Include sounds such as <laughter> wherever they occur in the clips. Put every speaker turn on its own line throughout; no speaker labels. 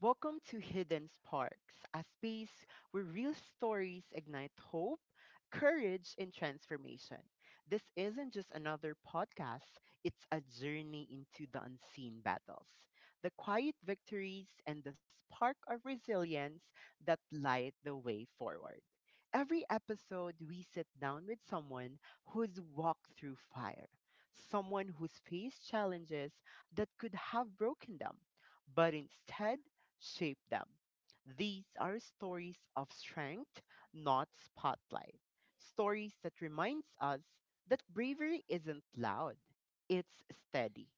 Welcome to Hidden Sparks, a space where real stories ignite hope, courage, and transformation. This isn't just another podcast, it's a journey into the unseen battles, the quiet victories, and the spark of resilience that light the way forward. Every episode, we sit down with someone who's walked through fire, someone who's faced challenges that could have broken them, but instead shaped them. These are stories of strength, not spotlight. Stories that reminds us that bravery isn't loud, it's steady.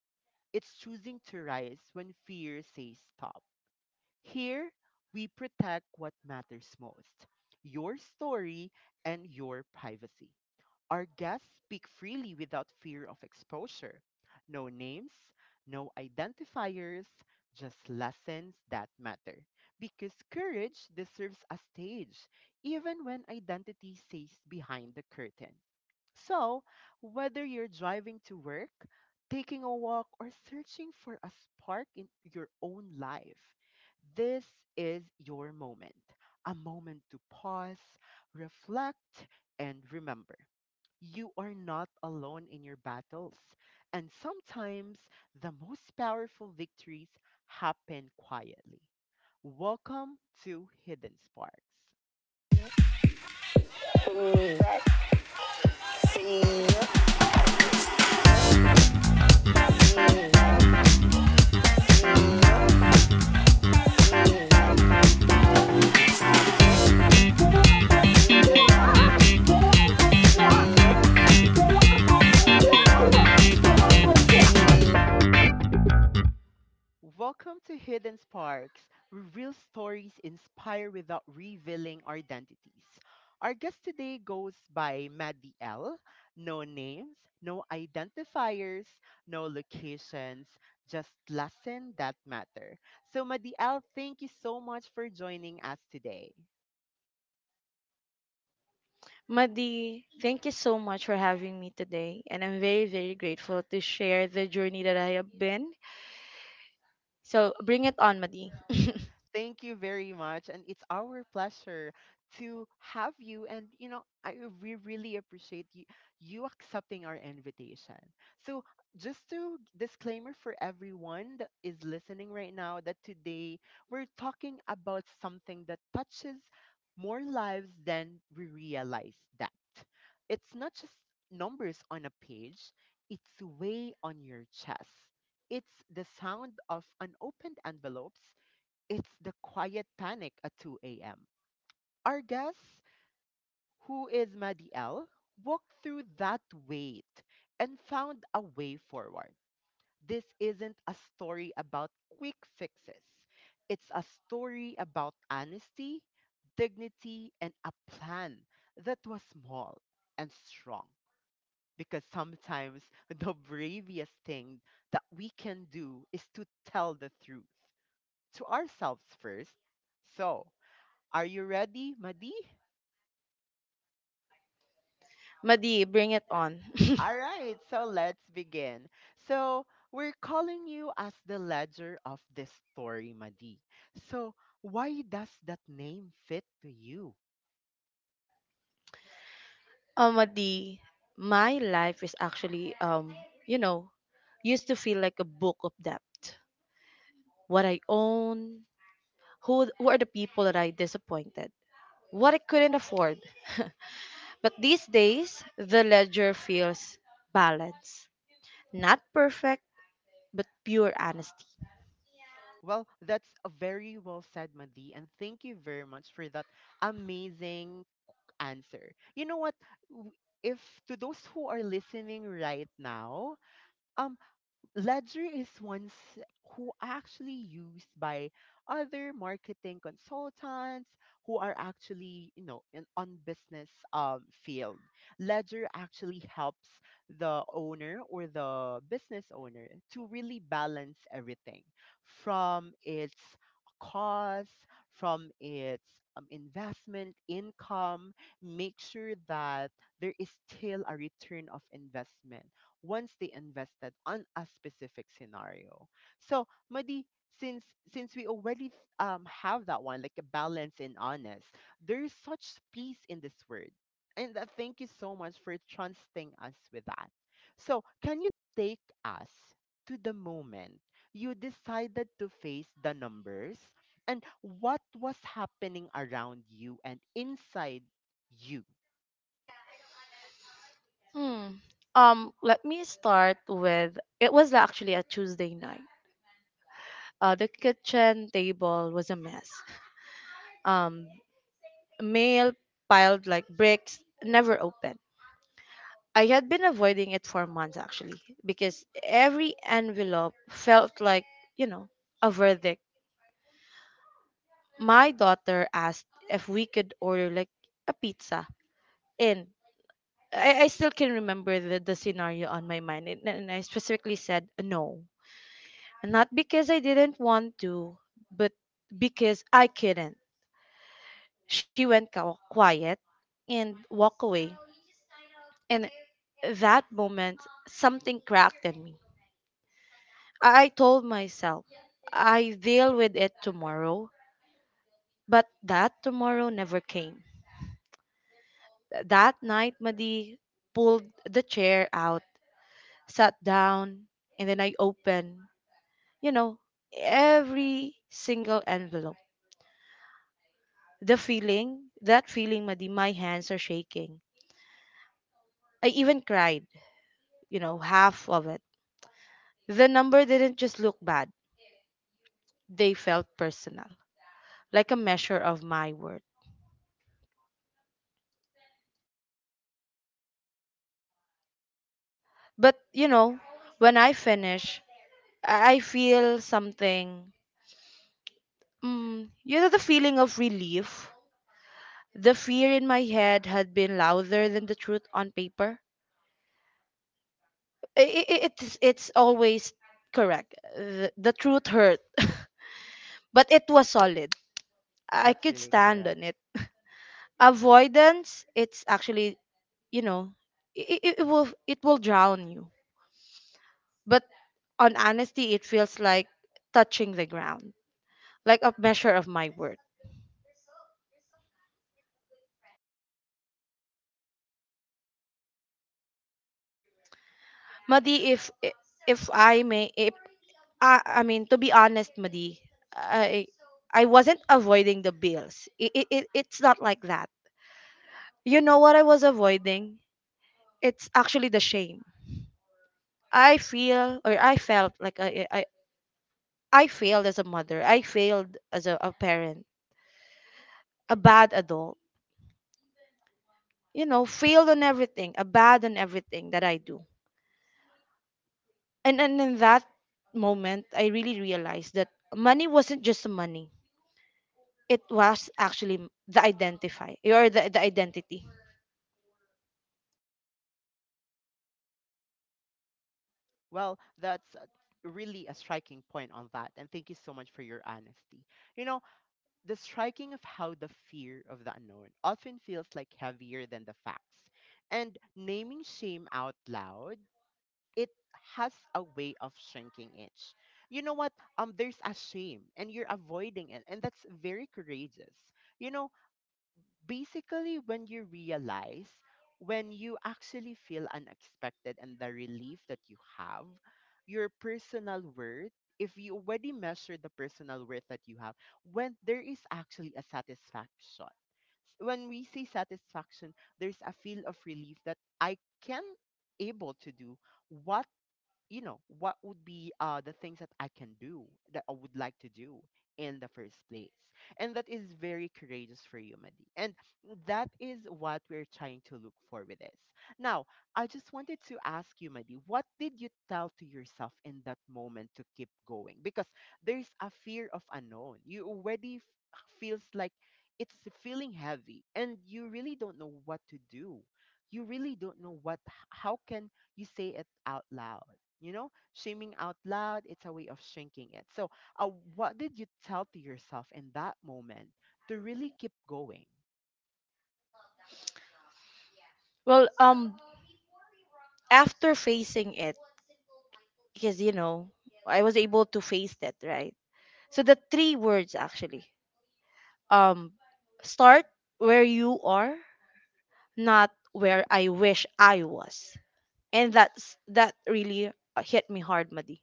It's choosing to rise when fear says stop. Here, we protect what matters most, your story and your privacy. Our guests speak freely without fear of exposure. No names, no identifiers, just lessons that matter. Because courage deserves a stage, even when identity stays behind the curtain. So, whether you're driving to work, taking a walk, or searching for a spark in your own life, this is your moment. A moment to pause, reflect, and remember. You are not alone in your battles. And sometimes the most powerful victories happen quietly. Welcome to Hidden Sparks. Welcome to Hidden Sparks, where real stories inspire without revealing our identities. Our guest today goes by Maddie L. No names, no identifiers, no locations, just lessons that matter. So, Maddie L, thank you so much for joining us today.
Madi, thank you so much for having me today, and I'm very, very grateful to share the journey that I have been. So bring it on, Madi.
Thank you very much. And it's our pleasure to have you. And, you know, I, we really appreciate you accepting our invitation. So, just to disclaimer for everyone that is listening right now, that today we're talking about something that touches more lives than we realize that. It's not just numbers on a page, it's way on your chest. It's the sound of unopened envelopes, it's the quiet panic at 2 a.m. Our guest, who is Maddie L, walked through that wait and found a way forward. This isn't a story about quick fixes. It's a story about honesty, dignity, and a plan that was small and strong. Because sometimes <laughs> the bravest thing that we can do is to tell the truth to ourselves first. So, are you ready, Madi?
Madi, bring it on. <laughs>
All right, so let's begin. So, we're calling you as the ledger of this story, Madi. So, why does that name fit to you?
Oh, Madi, my life is actually, you know, used to feel like a book of debt. What I own, who are the people that I disappointed, what I couldn't afford. <laughs> But these days, the ledger feels balanced, not perfect, but pure honesty.
Well, that's a very well said, Madi, and thank you very much for that amazing answer. You know what? W- If to those who are listening right now, um, Ledger is ones who actually used by other marketing consultants who are actually, you know, in on business field. Ledger actually helps the owner or the business owner to really balance everything from its costs, from its investment income, make sure that there is still a return of investment once they invested on a specific scenario. So, Madi, since since we already have that one, like a balance and honest, there is such peace in this word. And thank you so much for trusting us with that. So, can you take us to the moment you decided to face the numbers and what was happening around you and inside you?
Hmm. Let me start with it was actually a Tuesday night. The kitchen table was a mess. Um, Mail piled like bricks, never open. I had been avoiding it for months actually because every envelope felt like, you know, a verdict. My daughter asked if we could order like a pizza, and I still can remember the scenario on my mind, and I specifically said no. Not because I didn't want to, but because I couldn't. She went quiet and walked away. And that moment, something cracked in me. I told myself, I deal with it tomorrow. But that tomorrow never came. That night, Madi pulled the chair out, sat down, and then I opened, you know, every single envelope. The feeling, that feeling, Madi, my hands are shaking. I even cried, half of it. The number didn't just look bad, they felt personal, like a measure of my worth. But, when I finish, I feel something. Mm, the feeling of relief. The fear in my head had been louder than the truth on paper. It's always correct. The truth hurt, <laughs> but it was solid. I
That's
could
really
stand
correct.
on it. <laughs> Avoidance, it's actually, you know, it will it will drown you. But on honesty, it feels like touching the ground, like a measure of my worth. Madi, if I may, if I, I mean to be honest, Madi, I I wasn't avoiding the bills. It's not like that. You know what I was avoiding? It's actually the shame. I feel, or I felt like I failed as a mother. I failed as a parent, a bad adult. You know, failed on everything, a bad on everything that I do. And in that moment, I really realized that money wasn't just money. It was actually the identify, or the identity.
Well, that's really a striking point on that. And thank you so much for your honesty. You know, the striking of how the fear of the unknown often feels like heavier than the facts. And naming shame out loud, it has a way of shrinking it. You know what? There's a shame and you're avoiding it, and that's very courageous. You know, basically when you realize when you actually feel unexpected and the relief that you have your personal worth, if you already measure the personal worth that you have when there is actually a satisfaction. S- when we say satisfaction, there's a feel of relief that I can able to do what, you know, what would be the things that I can do that I would like to do in the first place. And that is very courageous for you, Madi. And that is what we're trying to look for with this. Now, I just wanted to ask you, Madi, what did you tell to yourself in that moment to keep going? Because there's a fear of unknown you already feels like it's feeling heavy, and you really don't know what to do, you really don't know how can you say it out loud. You know, shaming out loud, it's a way of shrinking it. So, uh, what did you tell to yourself in that moment to really keep going?
Well, after facing it, because you know, I was able to face that, right? So the three words actually, um, start where you are, not where I wish I was. And that's that really hit me hard, Madi.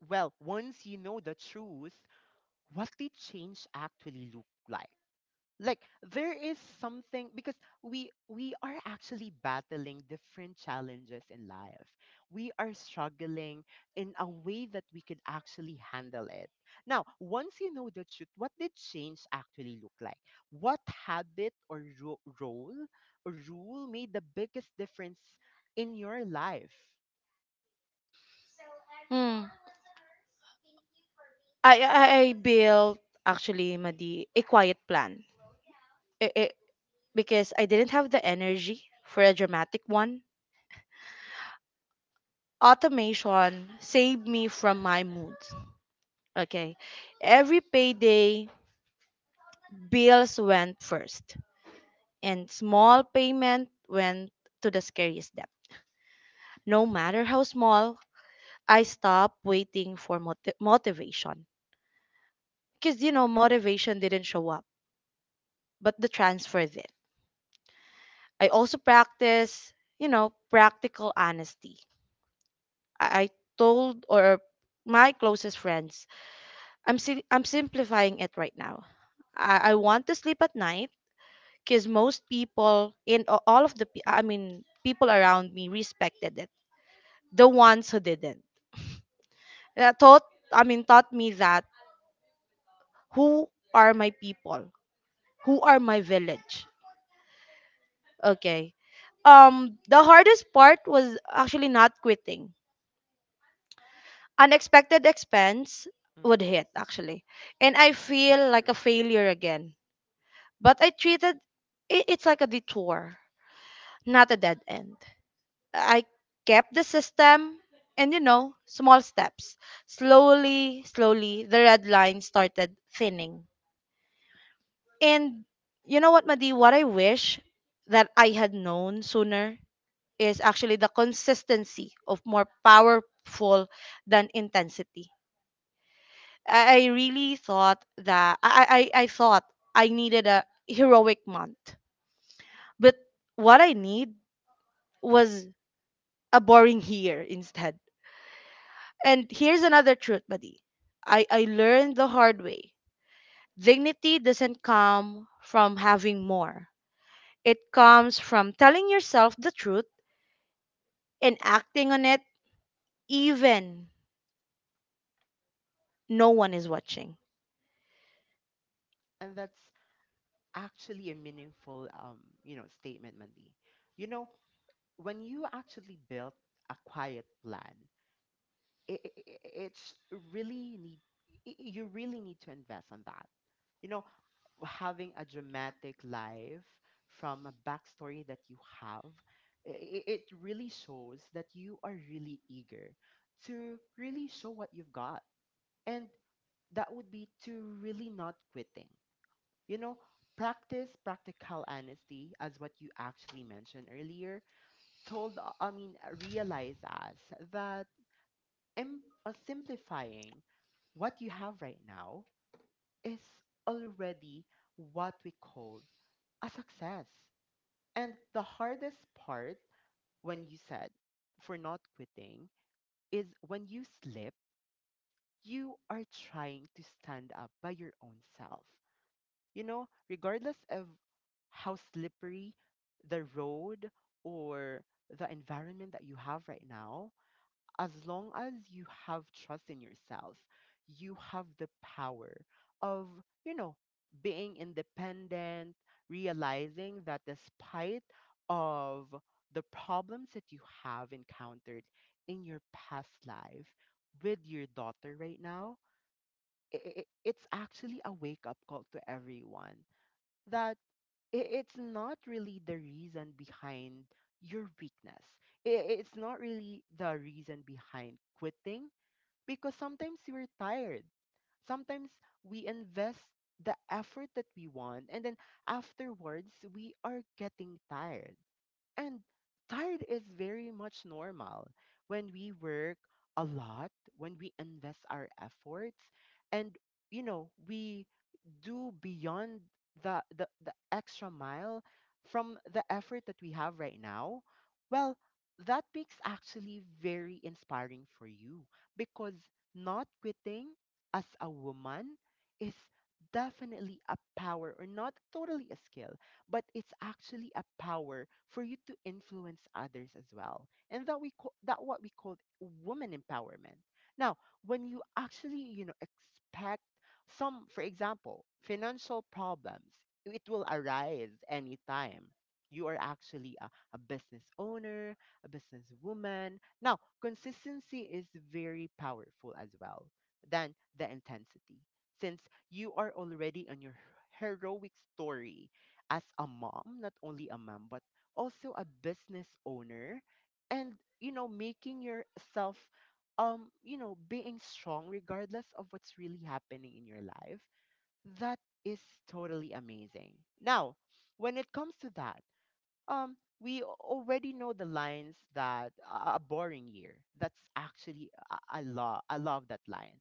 Well, once you know the truth, what did change actually look like? Like there is something, because we are actually battling different challenges in life, we are struggling in a way that we could actually handle it. Now, once you know the truth, what did change actually look like? What habit or role or rule made the biggest difference in your life?
Mm. I built actually, Madi, a quiet plan. I because I didn't have the energy for a dramatic one. Automation saved me from my mood. Okay, every payday bills went first, and small payment went to the scariest debt, no matter how small. I stopped waiting for motivation, because you know motivation didn't show up, but the transfer, it. I also practice, you know, practical honesty. I told, or my closest friends, I'm simplifying it right now. I want to sleep at night because most people in a- all of the pe- I mean people around me respected it. The ones who didn't, that taught I mean taught me that who are my people, who are my village. Okay, the hardest part was actually not quitting. Unexpected expense would hit
Hmm,
actually, and I
that's
feel like
true.
a failure again. But I treated it, it's like a detour, not a dead end. I kept the system and you know, small steps. Slowly, slowly, the red line started thinning. And you know what, Madi, what I wish that I had known sooner is actually the consistency of more powerful than intensity. I really thought that I thought I needed a heroic month. But what I need was a boring year instead. And here's another truth, buddy. I learned the hard way. Dignity doesn't come from having more. It comes from telling yourself the truth and acting on it, even no one is watching.
And that's actually a meaningful, you know, statement, Mandy. You know, when you actually build a quiet plan, it's really need, you really need to invest on that. You know, having a dramatic life from a backstory that you have, it really shows that you are really eager to really show what you've got, and that would be to really not quitting. You know, practice practical honesty as what you actually mentioned earlier told, realize us that simplifying what you have right now is already what we called a success. And the hardest part when you said for not quitting is when you slip, you are trying to stand up by your own self. You know, regardless of how slippery the road or the environment that you have right now, as long as you have trust in yourself, you have the power of, you know, being independent, realizing that despite of the problems that you have encountered in your past life with your daughter right now, it's actually a wake up call to everyone that it's not really the reason behind your weakness. I- It's not really the reason behind quitting, because sometimes we're tired. Sometimes we invest the effort that we want, and then afterwards we are getting tired. And tired is very much normal when we work a lot, when we invest our efforts, and you know, we do beyond the extra mile from the effort that we have right now. Well, that makes actually very inspiring for you, because not quitting as a woman is definitely a power, or not totally a skill, but it's actually a power for you to influence others as well, and that we call that, what we call woman empowerment. Now, when you actually, you know, expect some, for example, financial problems, it will arise anytime. You are actually a business owner, a businesswoman. Now, consistency is very powerful as well than the intensity, since you are already on your heroic story as a mom, not only a mom, but also a business owner, and you know, making yourself, you know, being strong regardless of what's really happening in your life. That is totally amazing. Now, when it comes to that, we already know the lines that, a boring year, that's actually, I love, I love that line.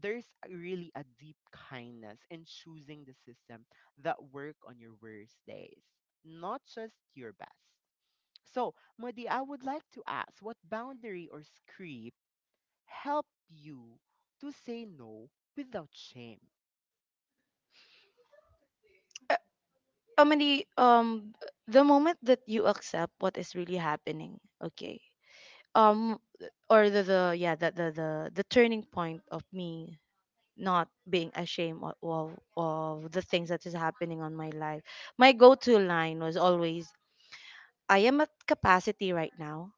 There's really a deep kindness in choosing the system that work on your worst days, not just your best. So, Modi, I would like to ask, what boundary or script help you to say no without shame?
Uh, Amani, the moment that you accept what is really happening, okay? Um or the yeah the turning point of me not being ashamed of the things that is happening on my life, my go-to line was always, I am at capacity right now,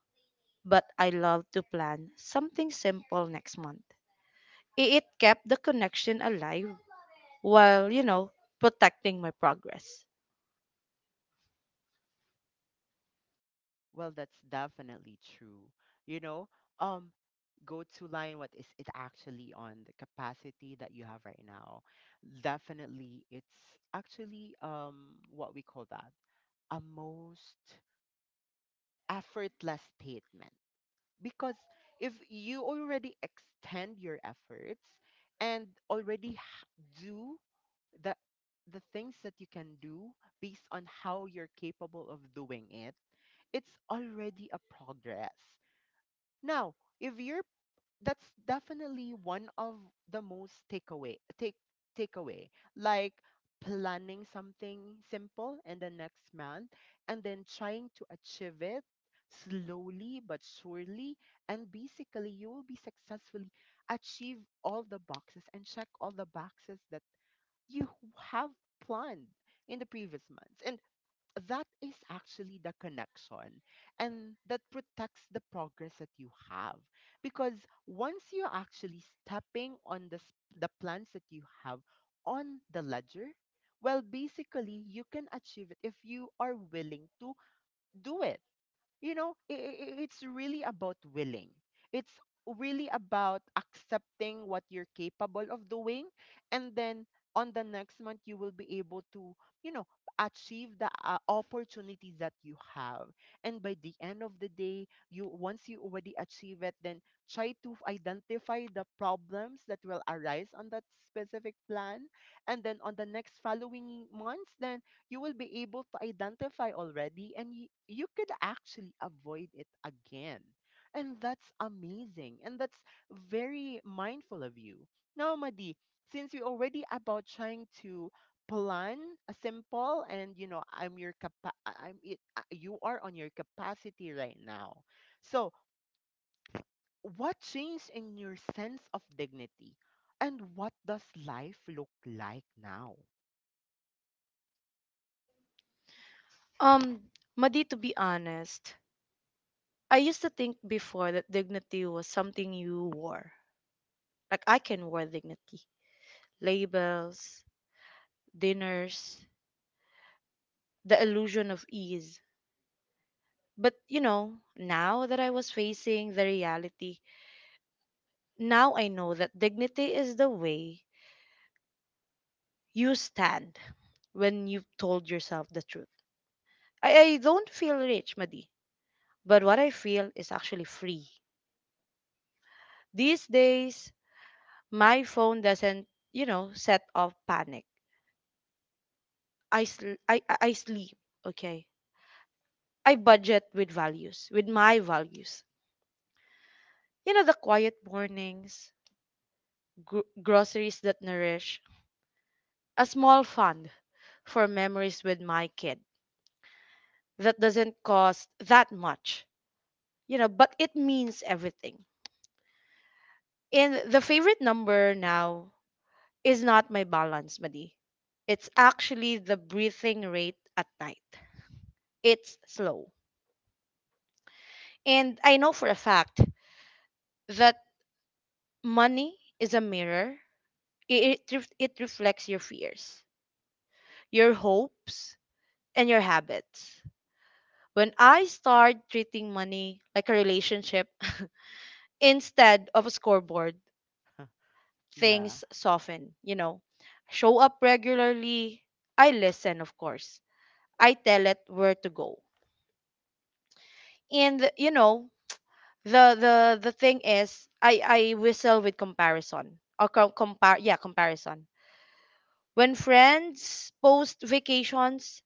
but I love to plan something simple next month. It kept the connection alive while you know protecting my progress.
Well, that's definitely true. You know, um, go to line, what is it actually on the capacity that you have right now. Definitely, it's actually, what we call that a most effortless statement, because if you already extend your efforts and already do the things that you can do based on how you're capable of doing it, it's already a progress. Now, if you're, that's definitely one of the most takeaway, takeaway, like planning something simple in the next month, and then trying to achieve it slowly but surely, and basically you will be successfully achieve all the boxes and check all the boxes that you have planned in the previous months. And that is actually the connection, and that protects the progress that you have. Because once you're actually stepping on the plans that you have on the ledger, well, basically, you can achieve it if you are willing to do it you know i i it's really about willing. It's really about accepting what you're capable of doing. And then on the next month you will be able to you know achieve the opportunities that you have. And by the end of the day you once you already achieve it, then try to identify the problems that will arise on that specific plan. And then on the next following months, then you will be able to identify already, and you could actually avoid it again. And that's amazing. And that's very mindful of you. Now, Madi, since you're already about trying to plan a simple and you know I'm your capa- I- I'm it, you are on your capacity right now, so what changed in your sense of dignity and what does life look like now?
um Madi, to be honest, I used to think before that dignity was something you wore, like I can wear dignity. Labels, dinners, the illusion of ease. But you know, now that I was facing the reality, now I know that dignity is the way you stand when you've told yourself the truth. I don't feel rich, Madi, but what I feel is actually free. These days, my phone doesn't, you know, set off panic. I sleep, okay? I budget with values, with my values. You know, the quiet mornings, groceries that nourish, a small fund for memories with my kid that doesn't cost that much, you know, but it means everything. And the favorite number now is not my balance, Madi. It's actually the breathing rate at night. It's slow. And I know for a fact that money is a mirror. It reflects your fears, your hopes, and your habits. When I start treating money like a relationship <laughs> instead of a scoreboard,
Yeah.
things soften, you know. Show up regularly. I listen, of course. I tell it where to go. And you know, the thing is I whistle with comparison. Or com- compare yeah, comparison. When friends post vacations,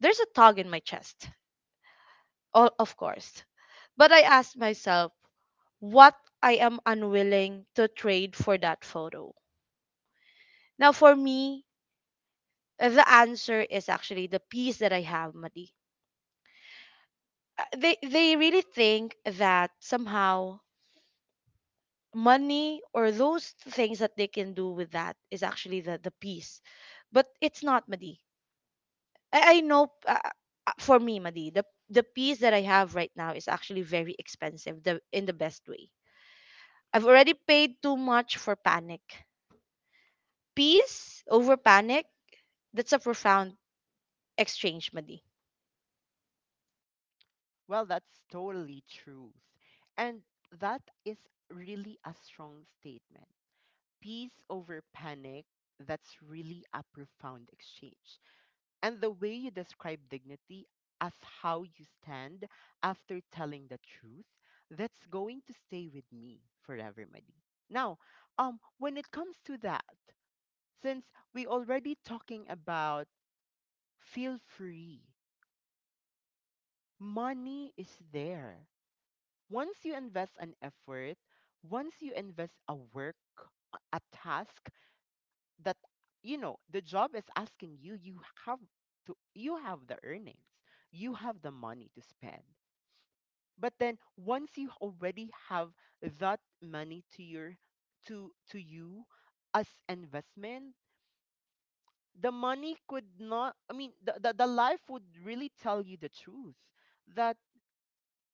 there's a tug in my chest. All of course. But I ask myself, what I am unwilling to trade for that photo. Now, for me, the answer is actually the peace that I have, Madi. They really think that somehow money or those things that they can do with that is actually the peace, but it's not, Madi. I know for me, Madi, the peace that I have right now is actually very expensive. The in the best way. I've already paid too much for panic. Peace over panic. That's a profound exchange, Madi.
Well, that's totally truth. And that is really a strong statement. Peace over panic, that's really a profound exchange. And the way you describe dignity as how you stand after telling the truth, that's going to stay with me forever, Madi. Now, when it comes to that, since we already talking about feel free, money is there. Once you invest an effort, once you invest a work, a task that you know the job is asking you, you have to you have the earnings, you have the money to spend. But then once you already have that money to your to you as investment, the money could not I mean the life would really tell you the truth that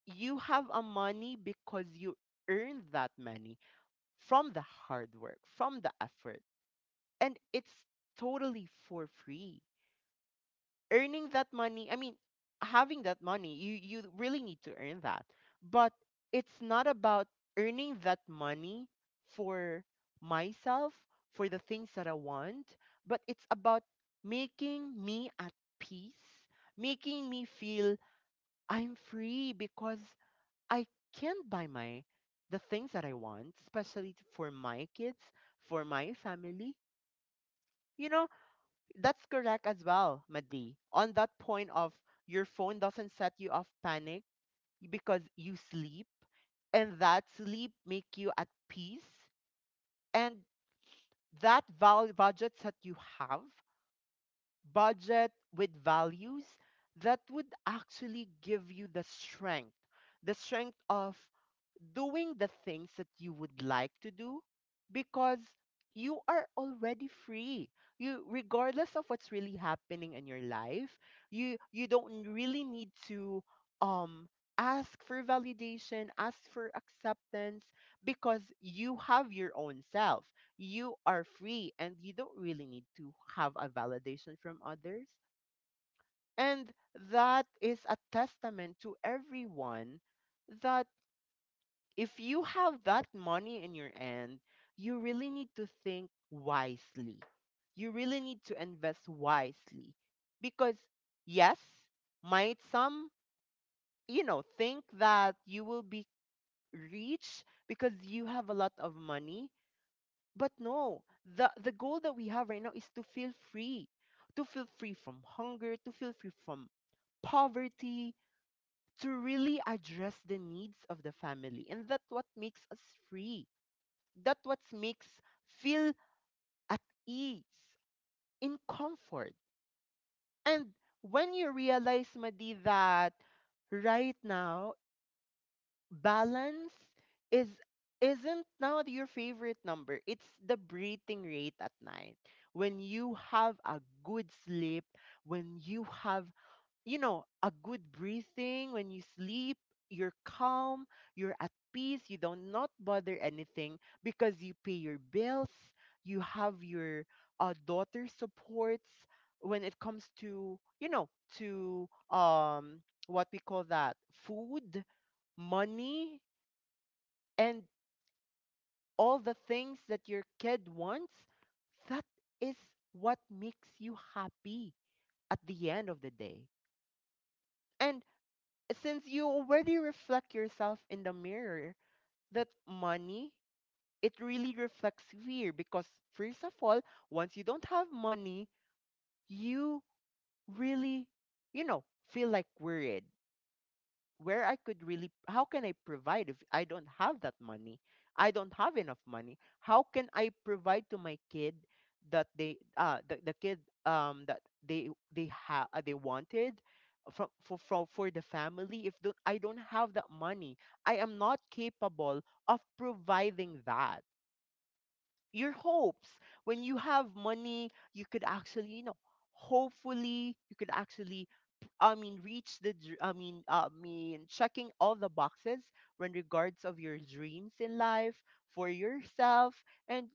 you have a money because you earned that money from the hard work, from the effort, and it's totally for free. Earning that money, I mean, having that money, you really need to earn that. But it's not about earning that money for myself, for the things that I want, but it's about making me at peace, making me feel I'm free because I can not buy my the things that I want, especially for my kids, for my family. You know, that's correct as well, Madi. On that point of your phone doesn't set you off panic because you sleep and that sleep make you at peace, and that budgets that you have, budget with values that would actually give you the strength of doing the things that you would like to do because you are already free. You regardless of what's really happening in your life, you don't really need to um ask for validation, ask for acceptance because you have your own self. You are free and you don't really need to have a validation from others. And that is a testament to everyone that if you have that money in your end, you really need to think wisely. You really need to invest wisely because yes, might some, you know, think that you will be rich because you have a lot of money, but no. The goal that we have right now is to feel free from hunger, to feel free from poverty, to really address the needs of the family. And that's what makes us free, that what makes feel at ease in comfort. And when you realize, Madi, that right now balance is isn't now your favorite number, it's the breathing rate at night. When you have a good sleep, when you have, you know, a good breathing when you sleep, you're calm, you're at peace, you don't not bother anything because you pay your bills, you have your daughter supports when it comes to, you know, to what we call that food, money, and all the things that your kid wants, that is what makes you happy at the end of the day. And since you already reflect yourself in the mirror, that money, it really reflects fear because, first of all, once you don't have money, you really, you know, feel like worried where I could really how can I provide if I don't have that money? I don't have enough money. How can I provide to my kid that they the kid that they they wanted from for, for the family if don't, I don't have that money. I am not capable of providing that. Your hopes, when you have money you could actually, you know, hopefully you could actually I mean reach the I mean I mean checking all the boxes when regards of your dreams in life for yourself. And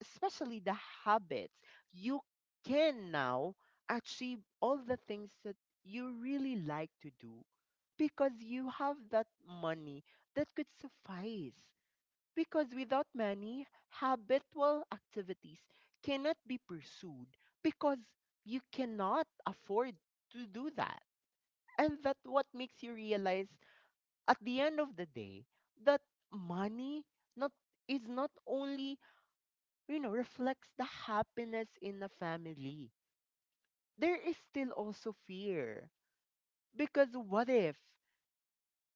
especially the habits, you can now achieve all the things that you really like to do because you have that money that could suffice. Because without money, habitual activities cannot be pursued because you cannot afford to do that. And that what makes you realize at the end of the day that money not is not only, you know, reflects the happiness in a family. There is still also fear because what if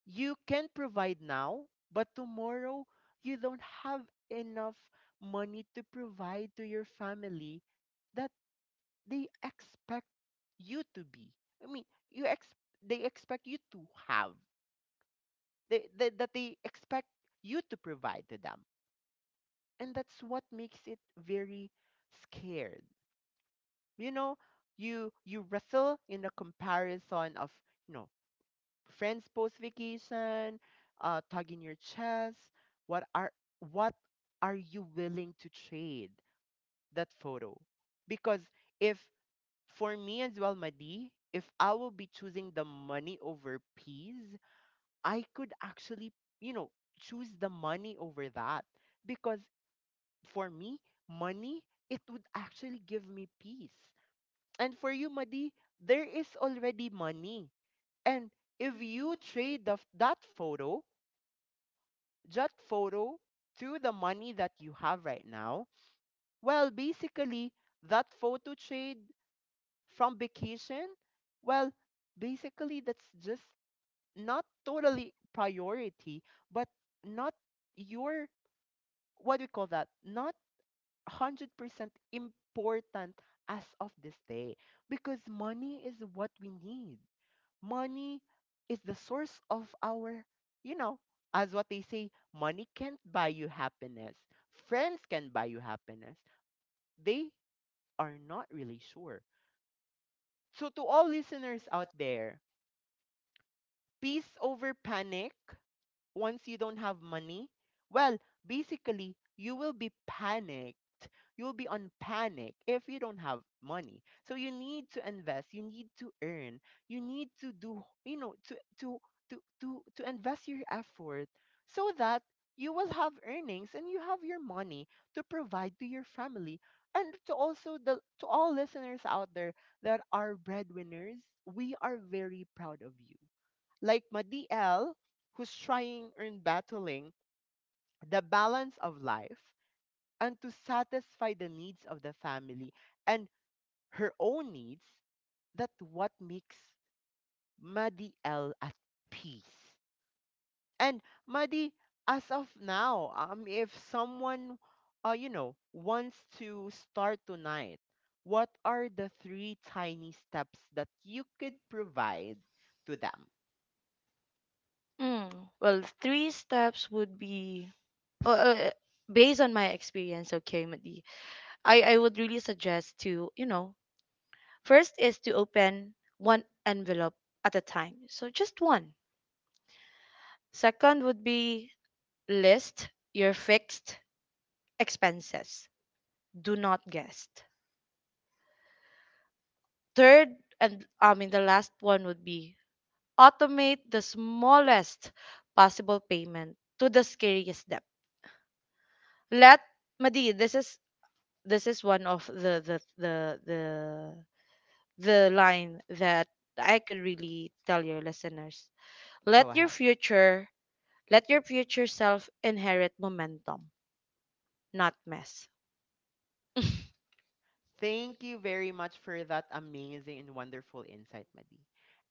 you can provide now, but tomorrow you don't have enough money to provide to your family that they expect you to be. I mean, you ex- they expect you to have, that they expect you to provide to them. And that's what makes it very scared. You know, you wrestle in a comparison of, you know, friends post vacation, tugging your chest. What are what are you willing to trade that photo? Because if for me as well, Madi, if I will be choosing the money over peace, I could actually, you know, choose the money over that. Because for me, money, it would actually give me peace. And for you, Madi, there is already money. And if you trade that photo Jot photo to the money that you have right now. Well, basically, that photo trade from vacation, well, basically, that's just not totally priority, but not your, what do we call that? Not 100% important as of this day because money is what we need. Money is the source of our, you know, as what they say, money can't buy you happiness. Friends can buy you happiness. They are not really sure. So, to all listeners out there, peace over panic, once you don't have money, well, basically, you will be panicked. You'll be on panic if you don't have money. So you need to invest, you need to earn, you need to do, you know, to invest your effort so that you will have earnings and you have your money to provide to your family. And to also the to all listeners out there that are breadwinners, we are very proud of you, like my DL, who's trying and battling the balance of life and to satisfy the needs of the family and her own needs, that what makes Madi L at peace. And Madi, as of now, if someone, you know, wants to start tonight, what are the three tiny steps that you could provide to them?
Mm. Well, three steps would be, uh, uh, based on my experience, okay, Madi. I would really suggest to, you know, first is to open one envelope at a time. So just one. Second would be list your fixed expenses. Do not guess. Third, and I mean, the last one would be automate the smallest possible payment to the scariest debt. Let Madi, this is one of the the line that I could really tell your listeners.
Go
Let your
ahead.
future Let your future self inherit momentum, not mess.
Thank you very much for that amazing and wonderful insight, Madi.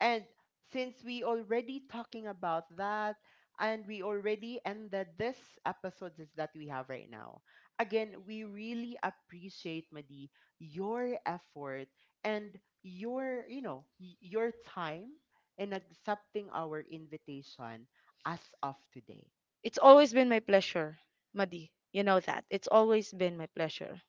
And since we already talking about that and we already ended this episode is that we have right now. Again, we really appreciate Madi your effort and your, you know, your time in accepting our invitation as of today.
It's always been my pleasure, Madi. You know that. It's always been my pleasure.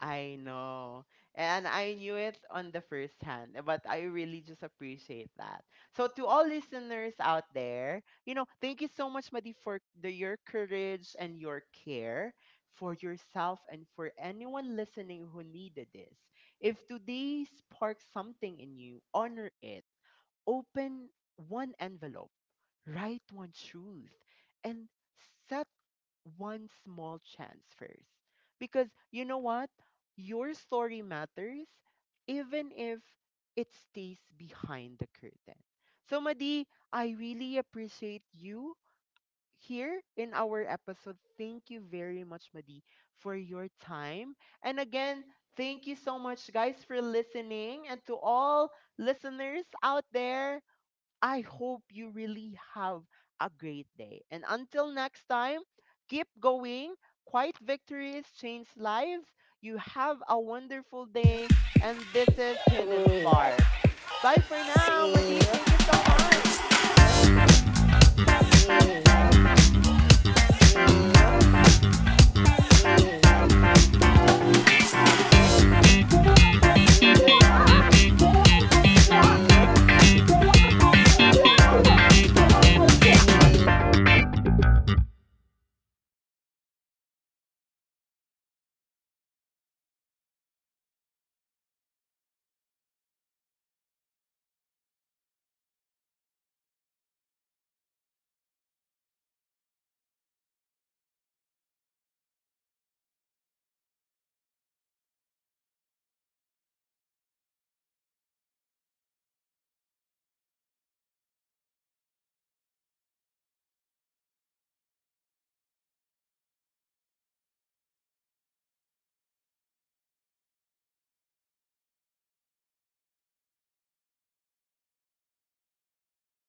I know. And I knew it on the first hand, eh, but I really just appreciate that. So to all listeners out there, you know, thank you so much, Madi, for the, your courage and your care for yourself and for anyone listening who needed this. If today sparked something in you, honor it. Open one envelope, write one truth, and set one small chance first. Because you know what? Your story matters even if it stays behind the curtain. So, Madi, I really appreciate you here in our episode. Thank you very much, Madi, for your time. And again, thank you so much, guys, for listening. And to all listeners out there, I hope you really have a great day. And until next time, keep going. Quiet victories change lives. You have a wonderful day. And this is Hidden Sparks. Bye for now, Madi. Thank you so much.